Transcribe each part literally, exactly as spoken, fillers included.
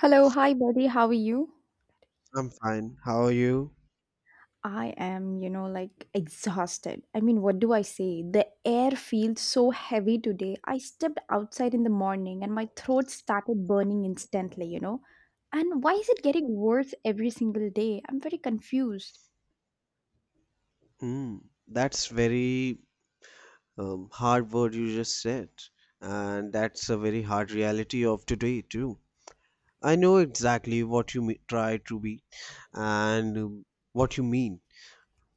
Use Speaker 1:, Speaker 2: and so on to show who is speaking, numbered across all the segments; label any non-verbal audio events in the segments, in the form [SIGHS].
Speaker 1: Hello, hi buddy, how are you?
Speaker 2: I'm fine. How are you?
Speaker 1: I am, you know, like exhausted. I mean, what do I say? The air feels so heavy today. I stepped outside in the morning and my throat started burning instantly, you know. And why is it getting worse every single day? I'm very confused.
Speaker 2: Mm, that's very um, hard word you just said, and that's a very hard reality of today too. I know exactly what you me- try to be, and um, what you mean.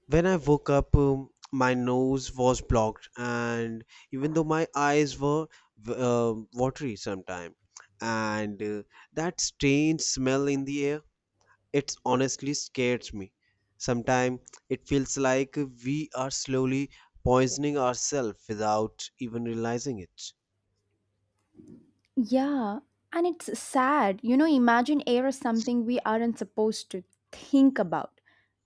Speaker 2: When I woke up, um, my nose was blocked, and even though my eyes were w- um watery sometimes, and uh, that strange smell in the air. It's honestly scares me. Sometimes it feels like we are slowly poisoning ourselves without even realizing it.
Speaker 1: Yeah, and it's sad. You know, imagine air is something we aren't supposed to think about.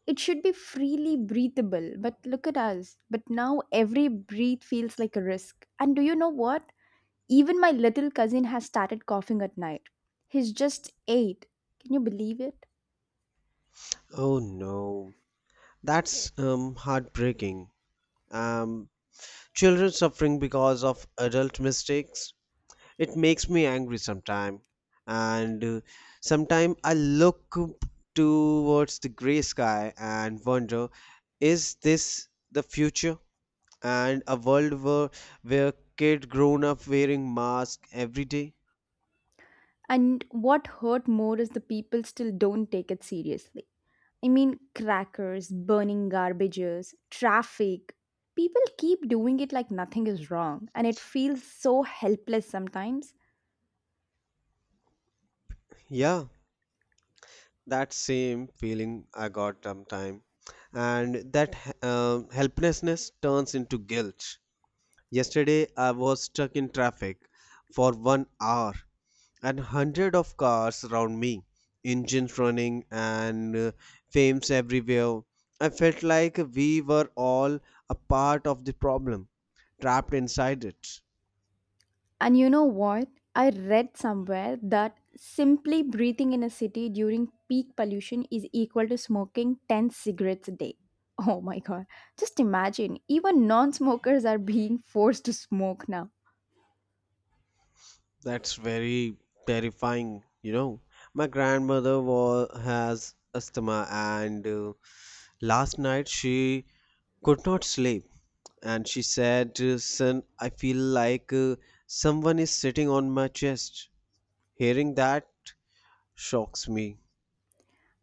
Speaker 1: It should be freely breathable, but look at us. But now every breath feels like a risk. And do you know what? Even my little cousin has started coughing at night. He's just eight. Can you believe it?
Speaker 2: Oh no, that's um, heartbreaking. Um, children suffering because of adult mistakes. It makes me angry sometimes, and uh, sometimes I look towards the gray sky and wonder, is this the future? And a world where where kid grown up wearing mask every day.
Speaker 1: And what hurt more is the people still don't take it seriously. I mean, crackers, burning garbages, traffic. People keep doing it like nothing is wrong, and it feels so helpless sometimes.
Speaker 2: Yeah, that same feeling I got sometime. And that um, helplessness turns into guilt. Yesterday I was stuck in traffic for one hour, and hundred of cars around me, engines running, and uh, fames everywhere. I felt like we were all a part of the problem, trapped inside it.
Speaker 1: And you know what? I read somewhere that simply breathing in a city during peak pollution is equal to smoking ten cigarettes a day. Oh my god. Just imagine, even non smokers are being forced to smoke now.
Speaker 2: That's very terrifying, you know. My grandmother was, has asthma, and uh, last night she could not sleep. And she said, uh, Son, I feel like uh, someone is sitting on my chest. Hearing that shocks me.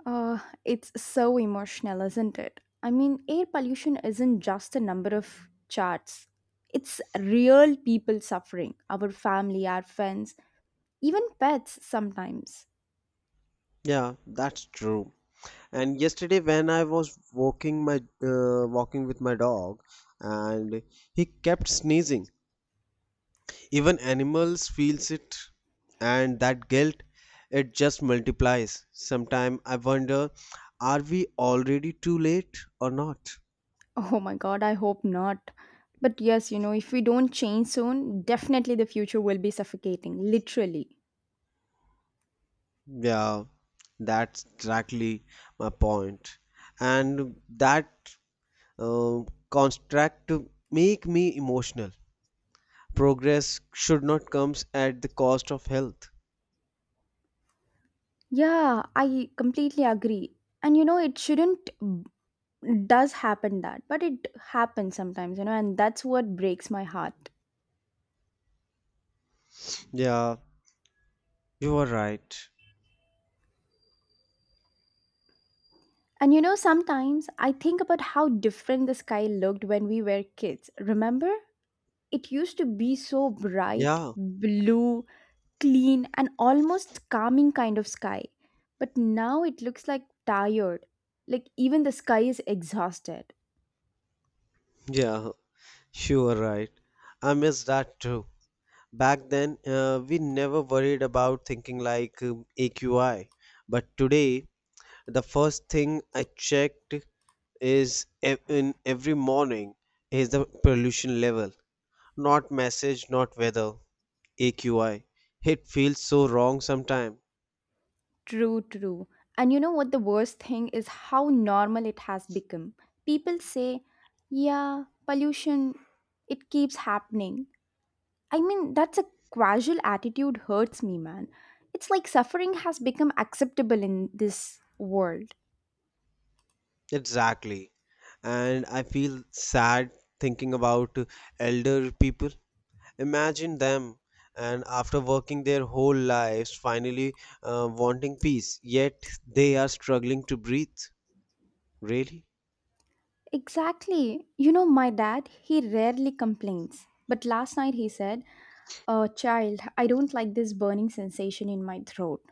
Speaker 1: Uh, it's so emotional, isn't it? I mean, air pollution isn't just a number of charts, it's real people suffering, our family, our friends, even pets sometimes.
Speaker 2: Yeah, that's true. And yesterday, when I was walking my uh, walking with my dog, and he kept sneezing. Even animals feels it, and that guilt, it just multiplies. Sometimes I wonder, are we already too late or not?
Speaker 1: Oh my god, I hope not. But yes, you know, if we don't change soon, definitely the future will be suffocating, literally.
Speaker 2: Yeah, that's exactly my point point. And that uh, construct to make me emotional, progress should not comes at the cost of health.
Speaker 1: Yeah, I completely agree. And you know, it shouldn't does happen that, but it happens sometimes, you know, and that's what breaks my heart.
Speaker 2: Yeah, you are right.
Speaker 1: And you know, sometimes I think about how different the sky looked when we were kids. Remember? It used to be so bright,
Speaker 2: Yeah,
Speaker 1: blue, clean, and almost calming kind of sky. But now it looks like tired. Like even the sky is exhausted.
Speaker 2: yeah, you are right, I miss that too. Back then, uh, we never worried about thinking like um, A Q I. But today, the first thing I checked is e- in every morning is the pollution level. Not message, not weather, A Q I. It feels so wrong sometimes.
Speaker 1: True, true. And you know what the worst thing is how normal it has become. People say, yeah, pollution, it keeps happening. I mean, that's a casual attitude hurts me, man. It's like suffering has become acceptable in this world.
Speaker 2: Exactly. And I feel sad thinking about elder people. Imagine them, and after working their whole lives, finally uh, wanting peace, yet they are struggling to breathe. Really?
Speaker 1: Exactly. You know, my dad, he rarely complains. But last night he said, Uh, child, I don't like this burning sensation in my throat.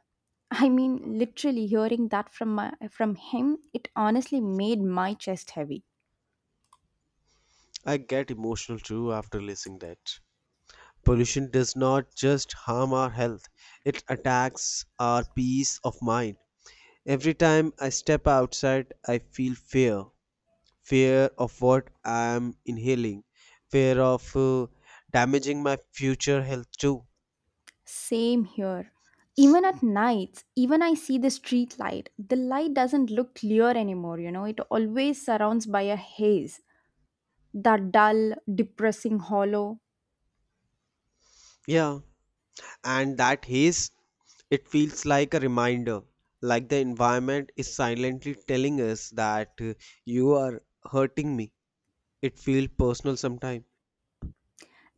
Speaker 1: I mean, literally hearing that from my, from him, it honestly made my chest heavy.
Speaker 2: I get emotional too after listening that. Pollution does not just harm our health, it attacks our peace of mind. Every time I step outside, I feel fear. Fear of what I am inhaling, fear of uh, damaging my future health too.
Speaker 1: Same here. Even at nights, even I see the street light, the light doesn't look clear anymore, you know, it always surrounds by a haze. That dull, depressing hollow.
Speaker 2: Yeah, and that haze, it feels like a reminder, like the environment is silently telling us that uh, you are hurting me. It feels personal sometimes.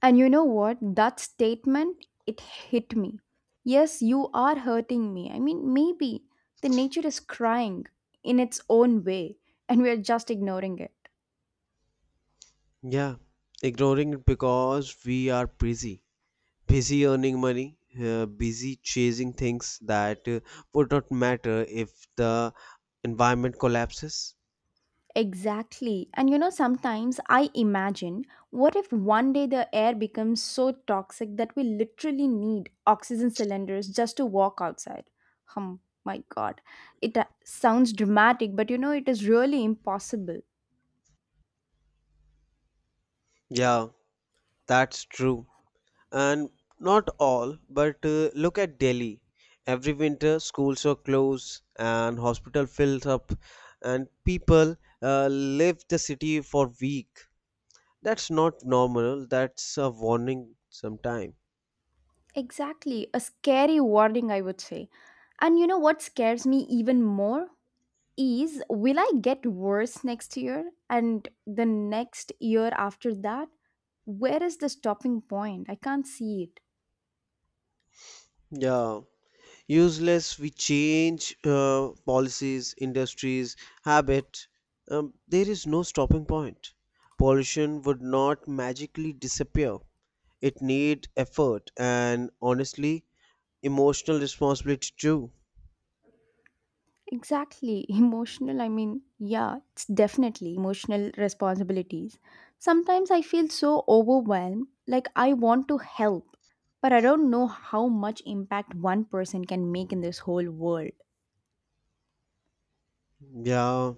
Speaker 1: And you know what? That statement, it hit me. Yes, you are hurting me. I mean, maybe the nature is crying in its own way, and we're just ignoring it.
Speaker 2: Yeah, ignoring it because we are busy busy earning money, uh, busy chasing things that uh, would not matter if the environment collapses.
Speaker 1: Exactly. And you know, sometimes I imagine what if one day the air becomes so toxic that we literally need oxygen cylinders just to walk outside? Hum, my God. It uh, sounds dramatic, but you know, it is really impossible.
Speaker 2: Yeah, that's true. And not all, but uh, look at Delhi. Every winter, schools are closed and hospital fills up, and people uh, leave the city for week. That's not normal. That's a warning. Sometime.
Speaker 1: Exactly, a scary warning, I would say. And you know what scares me even more is will I get worse next year and the next year after that? Where is the stopping point? I can't see it.
Speaker 2: Yeah. Useless. We change uh, policies, industries, habit. Um, there is no stopping point. Pollution would not magically disappear. It need effort, and honestly, emotional responsibility too.
Speaker 1: Exactly, [LAUGHS] emotional. I mean, yeah, it's definitely emotional responsibilities. Sometimes I feel so overwhelmed, like I want to help, but I don't know how much impact one person can make in this whole world.
Speaker 2: Yeah,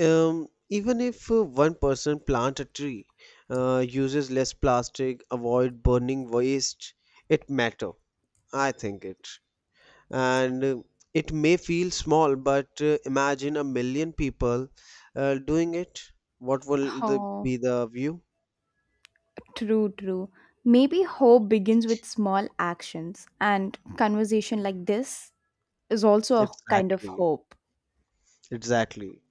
Speaker 2: um, even if uh, one person plant a tree, uh, uses less plastic, avoid burning waste, it matter I think it. And uh, it may feel small, but uh, imagine a million people uh, doing it, what will the,
Speaker 1: Oh.
Speaker 2: be the view?
Speaker 1: True, true. Maybe hope begins with small actions, and conversation like this is also a kind of
Speaker 2: Exactly,
Speaker 1: hope.
Speaker 2: exactly.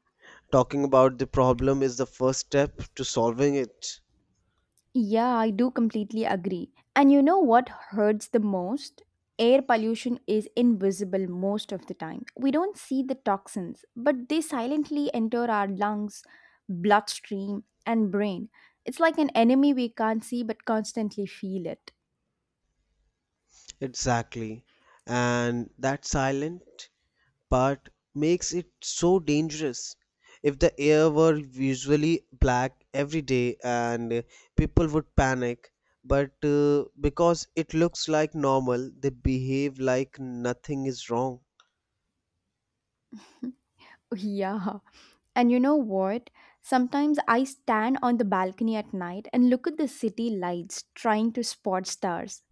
Speaker 2: Talking about the problem is the first step to solving it.
Speaker 1: Yeah, I do completely agree. And you know what hurts the most? Air pollution is invisible most of the time. We don't see the toxins, but they silently enter our lungs, bloodstream, and brain. It's like an enemy we can't see but constantly feel it.
Speaker 2: Exactly. And that silent part makes it so dangerous. If the air were usually black every day, and uh, people would panic, but uh, because it looks like normal, they behave like nothing is wrong.
Speaker 1: [LAUGHS] Yeah. And you know what? Sometimes I stand on the balcony at night and look at the city lights trying to spot stars.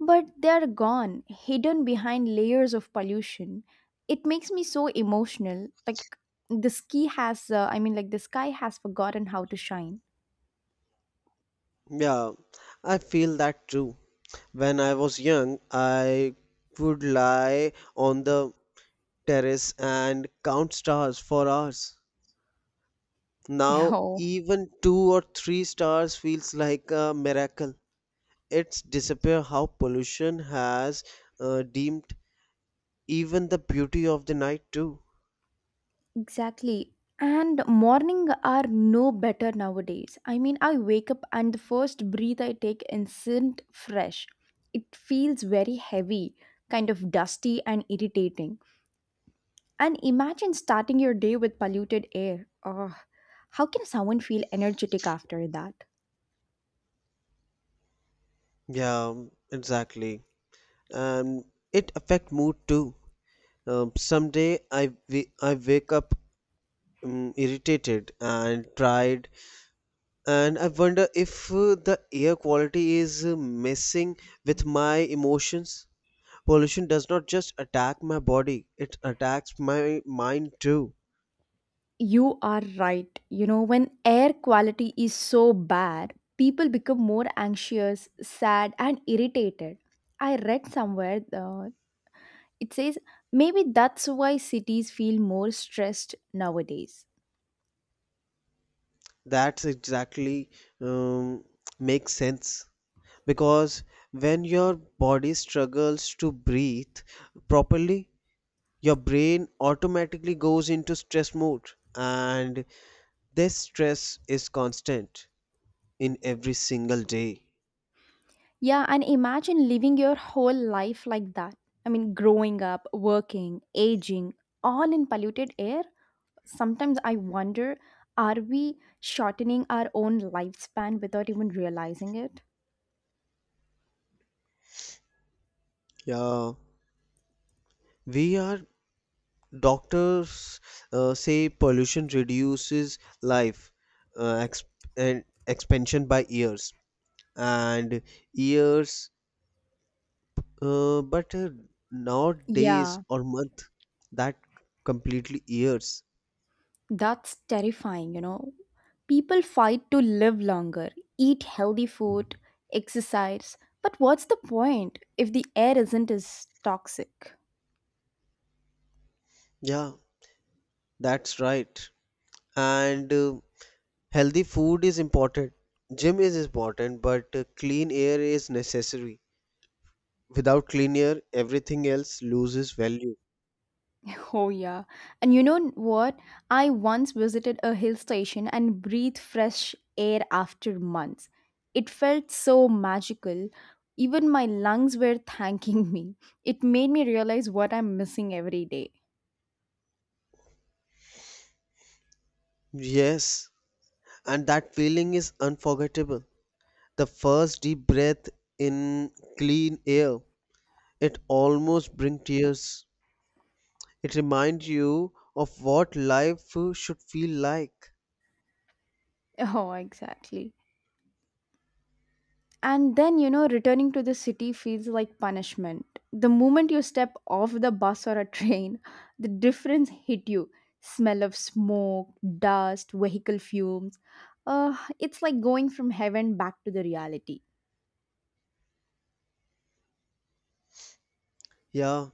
Speaker 1: But they are gone, hidden behind layers of pollution. It makes me so emotional. Like the ski has, uh, I mean, like the sky has forgotten how to shine.
Speaker 2: Yeah, I feel that too. When I was young, I would lie on the terrace and count stars for hours.
Speaker 1: [LAUGHS]
Speaker 2: Now,
Speaker 1: Oh.
Speaker 2: even two or three stars feels like a miracle. It's disappear how pollution has uh, deemed even the beauty of the night too.
Speaker 1: Exactly. And morning are no better nowadays. I mean, I wake up and the first breath I take isn't fresh. It feels very heavy, kind of dusty and irritating. And imagine starting your day with polluted air. Oh, how can someone feel energetic after that?
Speaker 2: Yeah, um, exactly. And it affect mood too. Um, someday I wa- I wake up, um, irritated and tired, and I wonder if uh, the air quality is uh, messing with my emotions. Pollution does not just attack my body, it attacks my mind too.
Speaker 1: You are right. You know, when air quality is so bad, people become more anxious, sad, and irritated. I read somewhere uh, it says maybe that's why cities feel more stressed nowadays.
Speaker 2: That's exactly um, makes sense because when your body struggles to breathe properly, your brain automatically goes into stress mode, and this stress is constant in every single day.
Speaker 1: Yeah, and imagine living your whole life like that. I mean, growing up, working, aging, all in polluted air. Sometimes I wonder are we shortening our own lifespan without even realizing it?
Speaker 2: Yeah, we are. Doctors uh, say pollution reduces life, uh, exp- and expansion by years, and years. Uh, but uh, not days
Speaker 1: Yeah,
Speaker 2: or month, that completely years.
Speaker 1: that's terrifying, you know. People fight to live longer, eat healthy food, exercise, but what's the point if the air isn't as toxic?
Speaker 2: Yeah, that's right. And uh, healthy food is important. Gym is important, but uh, clean air is necessary. Without clean air, everything else loses value.
Speaker 1: Oh, yeah. And you know what? I once visited a hill station and breathed fresh air after months. It felt so magical. Even my lungs were thanking [LAUGHS] me. It made me realize what I'm missing every day.
Speaker 2: Yes, and that feeling is unforgettable. The first deep breath in clean air, it almost brings tears. It reminds you of what life should feel like.
Speaker 1: [LAUGHS] Oh, exactly. And then, you know, returning to the city feels like punishment. The moment you step off the bus or a train, the difference hit you. Smell of smoke, dust, vehicle fumes. Uh, it's like going from heaven back to the reality.
Speaker 2: Yeah,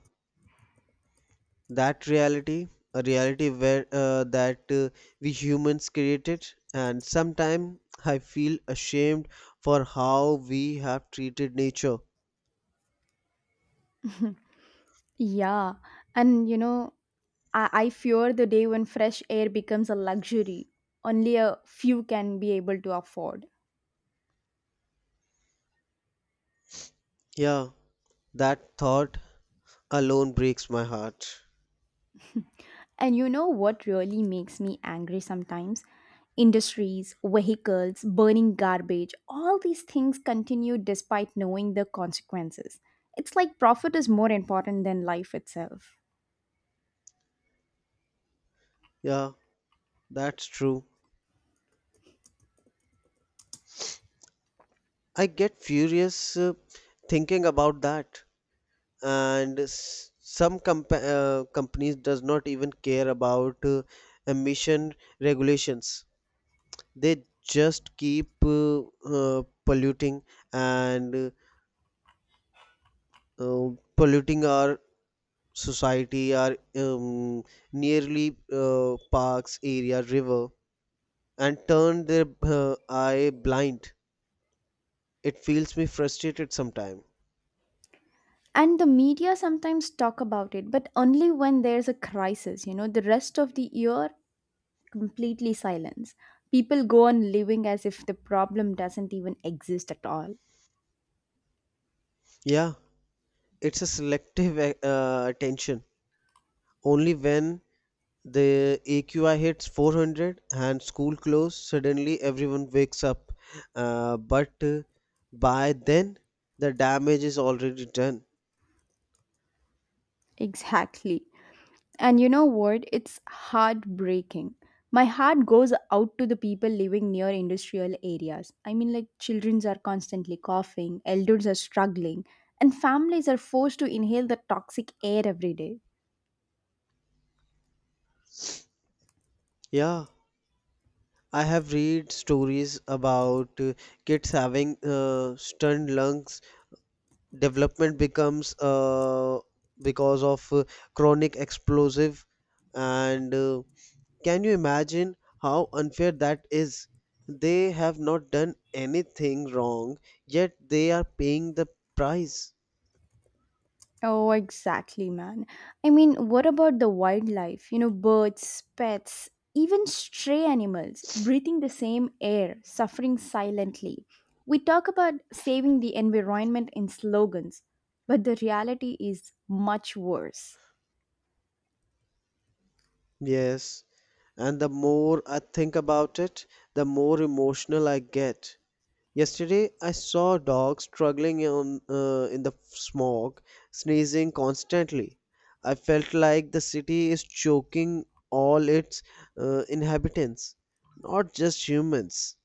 Speaker 2: that reality, a reality where uh, that uh, we humans created, and sometimes I feel ashamed for how we have treated nature.
Speaker 1: [LAUGHS] Yeah. And, you know, I, I fear the day when fresh air becomes a luxury only a few can be able to afford.
Speaker 2: Yeah, that thought alone breaks my heart.
Speaker 1: And you know what really makes me angry sometimes? Industries, vehicles, burning garbage, all these things continue despite knowing the consequences. It's like profit is more important than life itself.
Speaker 2: Yeah, that's true. I get furious uh, thinking about that. And s- some comp- uh, companies does not even care about uh, emission regulations. They just keep uh, uh, polluting, and uh, polluting our society, our um, nearly uh, parks area river, and turn their uh, eye blind. It feels me frustrated sometime.
Speaker 1: And the media sometimes talk about it, but only when there's a crisis, you know, the rest of the year completely silence. People go on living as if the problem doesn't even exist at all.
Speaker 2: Yeah, it's a selective uh, attention, only when the A Q I hits four hundred and school close. Suddenly, everyone wakes up. Uh, but uh, by then, the damage is already done.
Speaker 1: Exactly. And you know what? It's heartbreaking. My heart goes out to the people living near industrial areas. I mean, like, children are constantly coughing, elders are struggling, and families are forced to inhale the toxic air every day.
Speaker 2: Yeah, I have read stories about uh, kids having uh, stunned lungs. Development becomes uh, because of uh, chronic explosive, and uh, can you imagine how unfair that is? They have not done anything wrong, yet they are paying the price.
Speaker 1: Oh, exactly, man. I mean, what about the wildlife? You know, birds, pets, even stray animals breathing the same air, suffering silently. We talk about saving the environment in slogans, but the reality is much worse.
Speaker 2: Yes, and the more I think about it, the more emotional I get. Yesterday, I saw a dog struggling in, uh, in the smog, sneezing constantly. I felt like the city is choking all its uh, inhabitants, not just humans.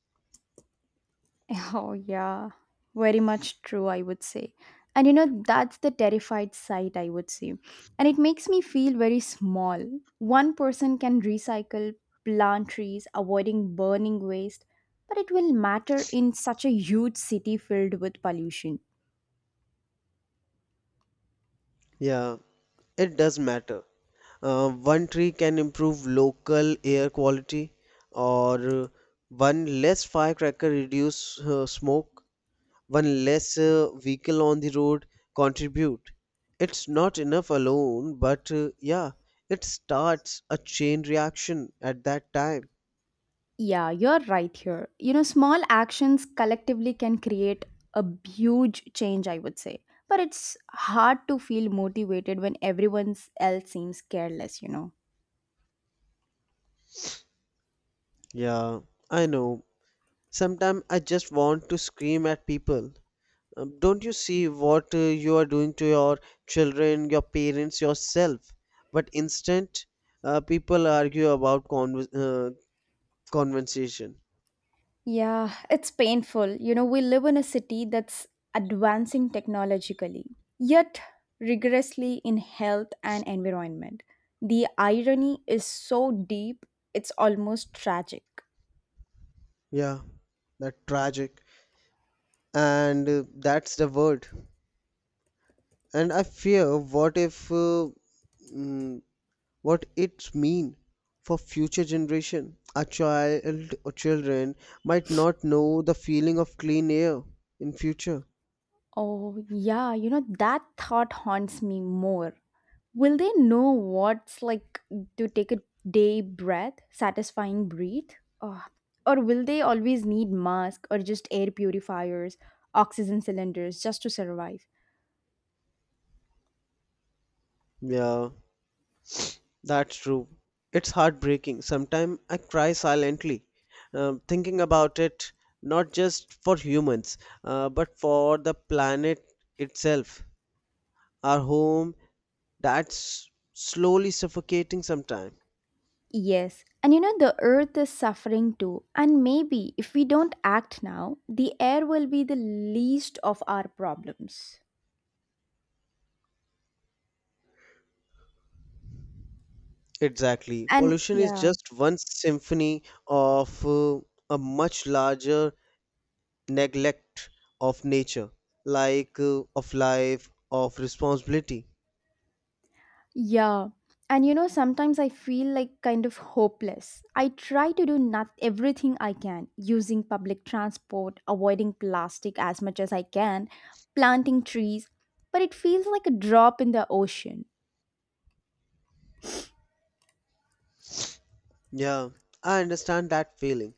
Speaker 1: [LAUGHS] Oh, yeah, very much true, I would say. And you know, that's the terrified side, I would say. And it makes me feel very small. One person can recycle, plant trees, avoiding burning waste, but it will matter in such a huge city filled with pollution.
Speaker 2: Yeah, it does matter. uh, one tree can improve local air quality, or one less firecracker reduce uh, smoke, one less uh, vehicle on the road contribute. It's not enough alone, but uh, yeah, it starts a chain reaction at that time.
Speaker 1: Yeah, you're right here. You know, small actions collectively can create a huge change, I would say. But it's hard to feel motivated when everyone else seems careless, you know.
Speaker 2: Yeah, I know. Sometimes I just want to scream at people. Um, don't you see what uh, you are doing to your children, your parents, yourself? But instant, uh, people argue about conv- uh, conversation.
Speaker 1: Yeah, it's painful. You know, we live in a city that's advancing technologically, yet rigorously in health and environment. The irony is so deep, it's almost tragic.
Speaker 2: Yeah, that tragic, and uh, that's the word. And I fear, what if, uh, mm, what it mean for future generation? A child or children might not know the feeling of clean air in future.
Speaker 1: Oh, yeah, you know, that thought haunts me more. Will they know what's like to take a day breath, satisfying breathe? Oh, or will they always need mask or just air purifiers, oxygen cylinders just to survive?
Speaker 2: Yeah. That's true. It's heartbreaking. Sometimes I cry silently, um, thinking about it, not just for humans, uh, but for the planet itself, our home, that's slowly suffocating sometimes.
Speaker 1: Yes, and you know, the earth is suffering too. And maybe if we don't act now, the air will be the least of our problems.
Speaker 2: Exactly.
Speaker 1: And
Speaker 2: Pollution is
Speaker 1: yeah,
Speaker 2: just one symphony of uh, a much larger neglect of nature, like uh, of life, of responsibility.
Speaker 1: yeah. And you know, sometimes I feel like kind of hopeless. I try to do not everything I can, using public transport, avoiding plastic as much as I can, planting trees, but it feels like a drop in the ocean.
Speaker 2: Yeah, I understand that feeling.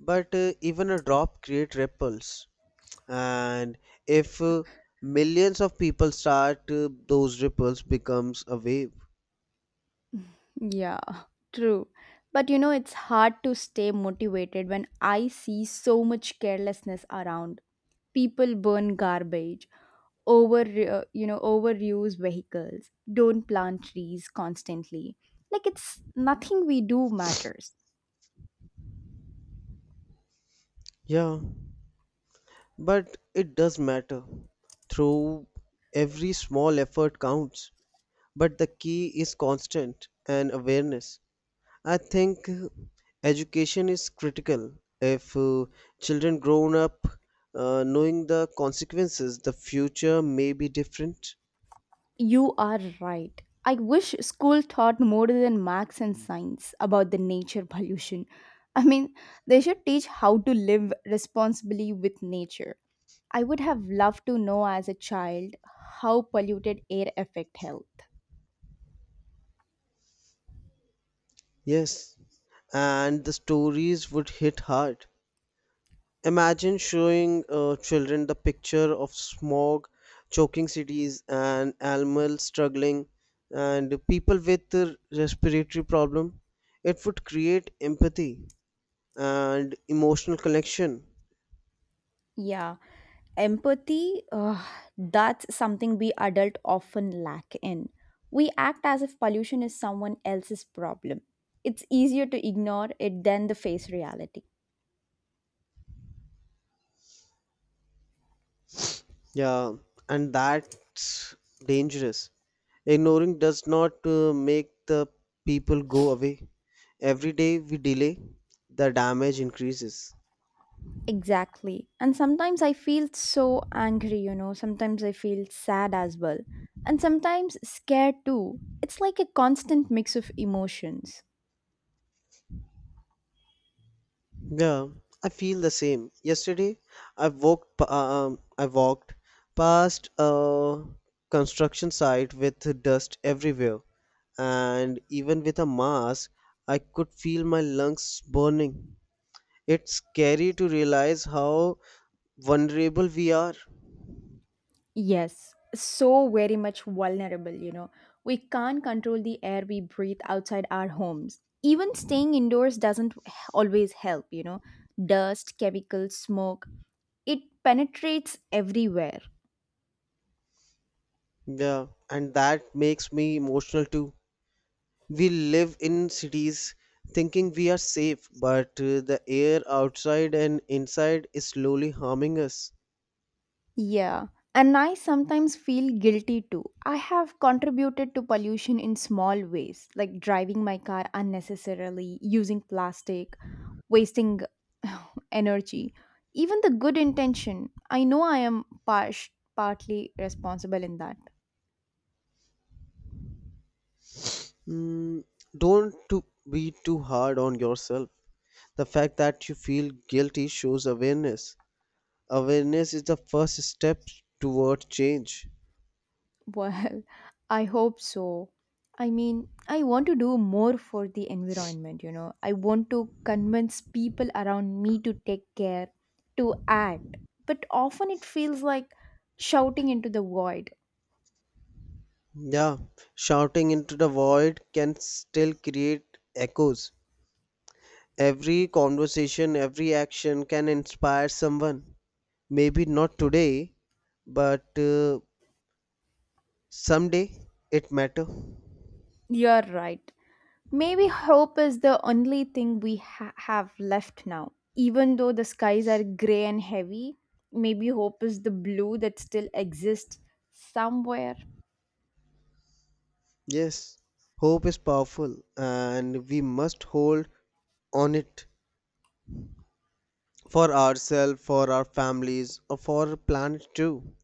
Speaker 2: But uh, even a drop creates ripples. And if uh, millions of people start, uh, those ripples becomes a wave.
Speaker 1: Yeah, true. But you know, it's hard to stay motivated when I see so much carelessness around. People burn garbage, over uh, you know, overuse vehicles, don't plant trees constantly. Like it's nothing we do matters.
Speaker 2: Yeah, but it does matter. Through every small effort counts. But the key is constant and awareness. I think education is critical. If uh, children grown up uh, knowing the consequences, the future may be different.
Speaker 1: You are right. I wish school taught more than maths and science about the nature pollution. I mean, they should teach how to live responsibly with nature. I would have loved to know as a child how polluted air affect health.
Speaker 2: Yes, and the stories would hit hard. Imagine showing uh, children the picture of smog, choking cities, and animals struggling, and people with uh, respiratory problem. It would create empathy and emotional connection.
Speaker 1: Yeah, empathy, uh, that's something we adult often lack in. We act as if pollution is someone else's problem. It's easier to ignore it than to face reality.
Speaker 2: Yeah, and that's dangerous. Ignoring does not uh, make the people go away. Every day we delay, the damage increases.
Speaker 1: Exactly. And sometimes I feel so angry, you know. Sometimes I feel sad as well. And sometimes scared too. It's like a constant mix of emotions.
Speaker 2: Yeah, I feel the same. Yesterday, I walked pa- uh, um, I walked past a construction site with dust everywhere, and even with a mask, I could feel my lungs burning. It's scary to realize how vulnerable we are.
Speaker 1: Yes, so very much vulnerable, you know. We can't control the air we breathe outside our homes. Even staying indoors doesn't h- always help, you know. Dust, chemicals, smoke, it penetrates everywhere.
Speaker 2: Yeah, and that makes me emotional too. We live in cities thinking we are safe, but uh, the air outside and inside is slowly harming us.
Speaker 1: Yeah, and I sometimes feel guilty too. I have contributed to pollution in small ways, like driving my car unnecessarily, using plastic, wasting [SIGHS] energy. Even the good intention, I know I am par- partly responsible in that.
Speaker 2: Mm, don't to be too hard on yourself. The fact that you feel guilty shows awareness. Awareness is the first step toward change.
Speaker 1: Well, [LAUGHS] I hope so. I mean, I want to do more for the environment, you know. I want to convince people around me to take care, to act. But often it feels like shouting into the void.
Speaker 2: Yeah, shouting into the void can still create echoes. Every conversation, every action can inspire someone. Maybe not today, but uh, someday it matter.
Speaker 1: You're right. Maybe hope is the only thing we ha- have left now. Even though the skies are gray and heavy, maybe hope is the blue that still exists somewhere.
Speaker 2: Yes, hope is powerful and we must hold on it for ourselves, for our families, or for our planet too.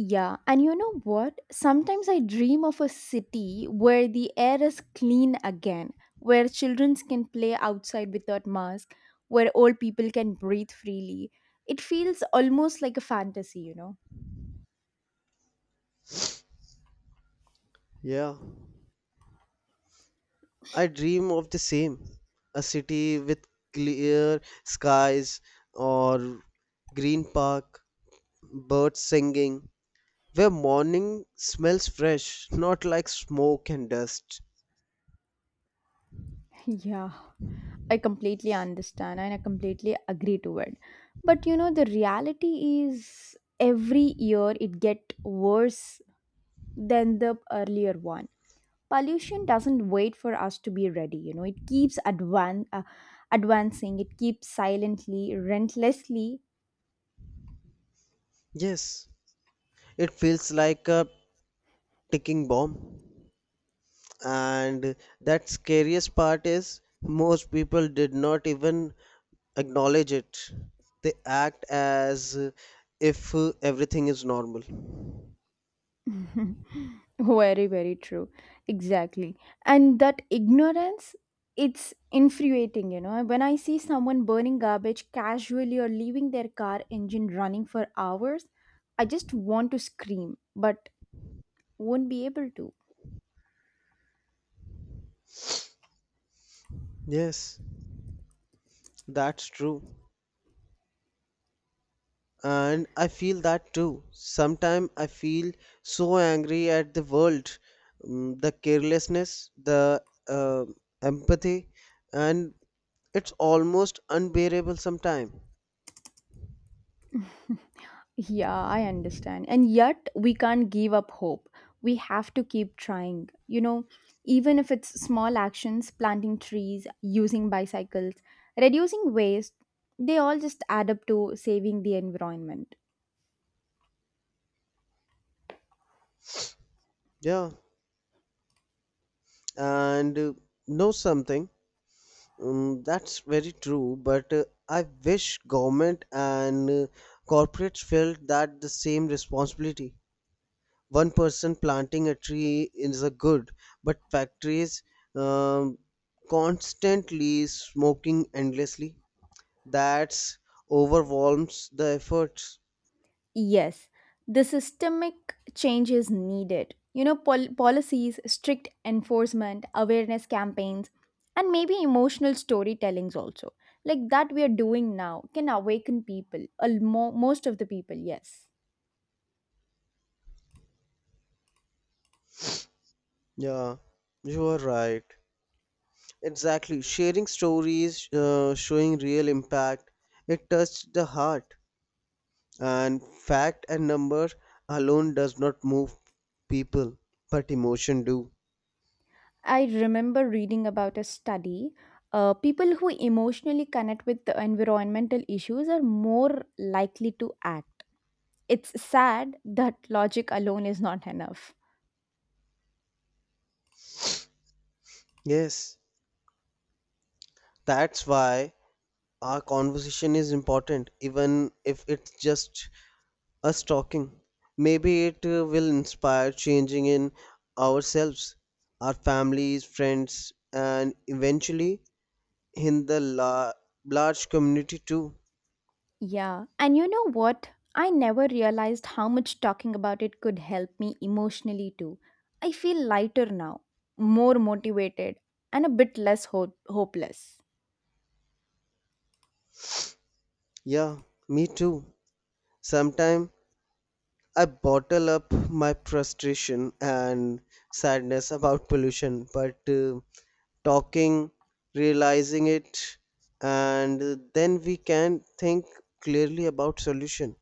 Speaker 1: Yeah, and you know what? Sometimes I dream of a city where the air is clean again, where children can play outside without masks, where old people can breathe freely. It feels almost like a fantasy, you know?
Speaker 2: Yeah. I dream of the same, a city with clear skies, or green park, birds singing, where morning smells fresh, not like smoke and dust.
Speaker 1: [LAUGHS] Yeah, I completely understand and I completely agree to it. But you know, the reality is every year it get worse than the earlier one. Pollution doesn't wait for us to be ready, you know it keeps advan- uh, advancing. It keeps silently, relentlessly.
Speaker 2: Yes, it feels like a ticking bomb. And that scariest part is most people did not even acknowledge it. They act as if everything is normal.
Speaker 1: [LAUGHS] Very, very true. Exactly. And that ignorance, it's infuriating. You know when I see someone burning garbage casually or leaving their car engine running for hours, I just want to scream, but won't be able to.
Speaker 2: Yes, that's true. And I feel that too. Sometimes I feel so angry at the world, mm, the carelessness, the uh, empathy, and it's almost unbearable sometimes.
Speaker 1: Yeah, I understand. And yet, we can't give up hope. We have to keep trying. You know, even if it's small actions, planting trees, using bicycles, reducing waste, they all just add up to saving the environment.
Speaker 2: Yeah, and uh, know something. Um, that's very true, but uh, I wish government and uh, corporates felt that the same responsibility. One person planting a tree is a good, but factories um, constantly smoking endlessly, that's overwhelms the efforts.
Speaker 1: Yes, the systemic change is needed. You know, pol- policies, strict enforcement, awareness campaigns, and maybe emotional storytellings also. Like that we are doing now can awaken people, al- mo- most of the people, yes.
Speaker 2: Yeah, you are right, exactly. Sharing stories, uh, showing real impact, it touched the heart. And fact and number alone does not move people, but emotion do.
Speaker 1: I remember reading about a study. Uh, people who emotionally connect with the environmental issues are more likely to act. It's sad that logic alone is not enough.
Speaker 2: Yes, that's why our conversation is important, even if it's just us talking. Maybe it uh, will inspire changing in ourselves, our families, friends, and eventually in the la- large community too.
Speaker 1: Yeah, and you know what? I never realized how much talking about it could help me emotionally too. I feel lighter now, more motivated, and a bit less ho- hopeless.
Speaker 2: Yeah, me too. Sometime I bottle up my frustration and sadness about pollution, but uh, talking, realizing it, and then we can think clearly about solution.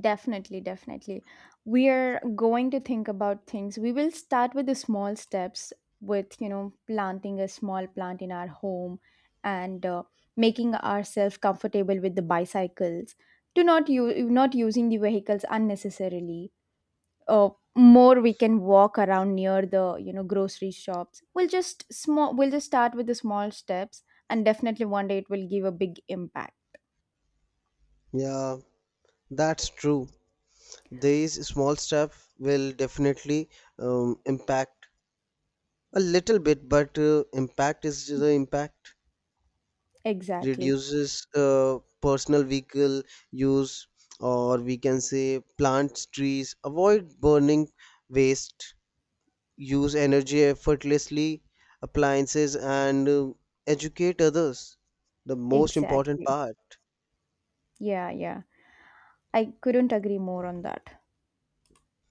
Speaker 1: Definitely, definitely. We are going to think about things. We will start with the small steps, with, you know, planting a small plant in our home and uh, making ourselves comfortable with the bicycles. Do not use Not using the vehicles unnecessarily. uh, More we can walk around near the you know grocery shops. We'll just small we'll just start with the small steps, and definitely one day it will give a big impact.
Speaker 2: Yeah, that's true. These small steps will definitely um, impact a little bit, but uh, impact is the impact.
Speaker 1: Exactly,
Speaker 2: Reduces uh, personal vehicle use, or we can say plant trees, avoid burning waste, use energy effortlessly appliances, and uh, educate others, the most important
Speaker 1: exactly.
Speaker 2: part.
Speaker 1: Yeah, yeah, I couldn't agree more on that.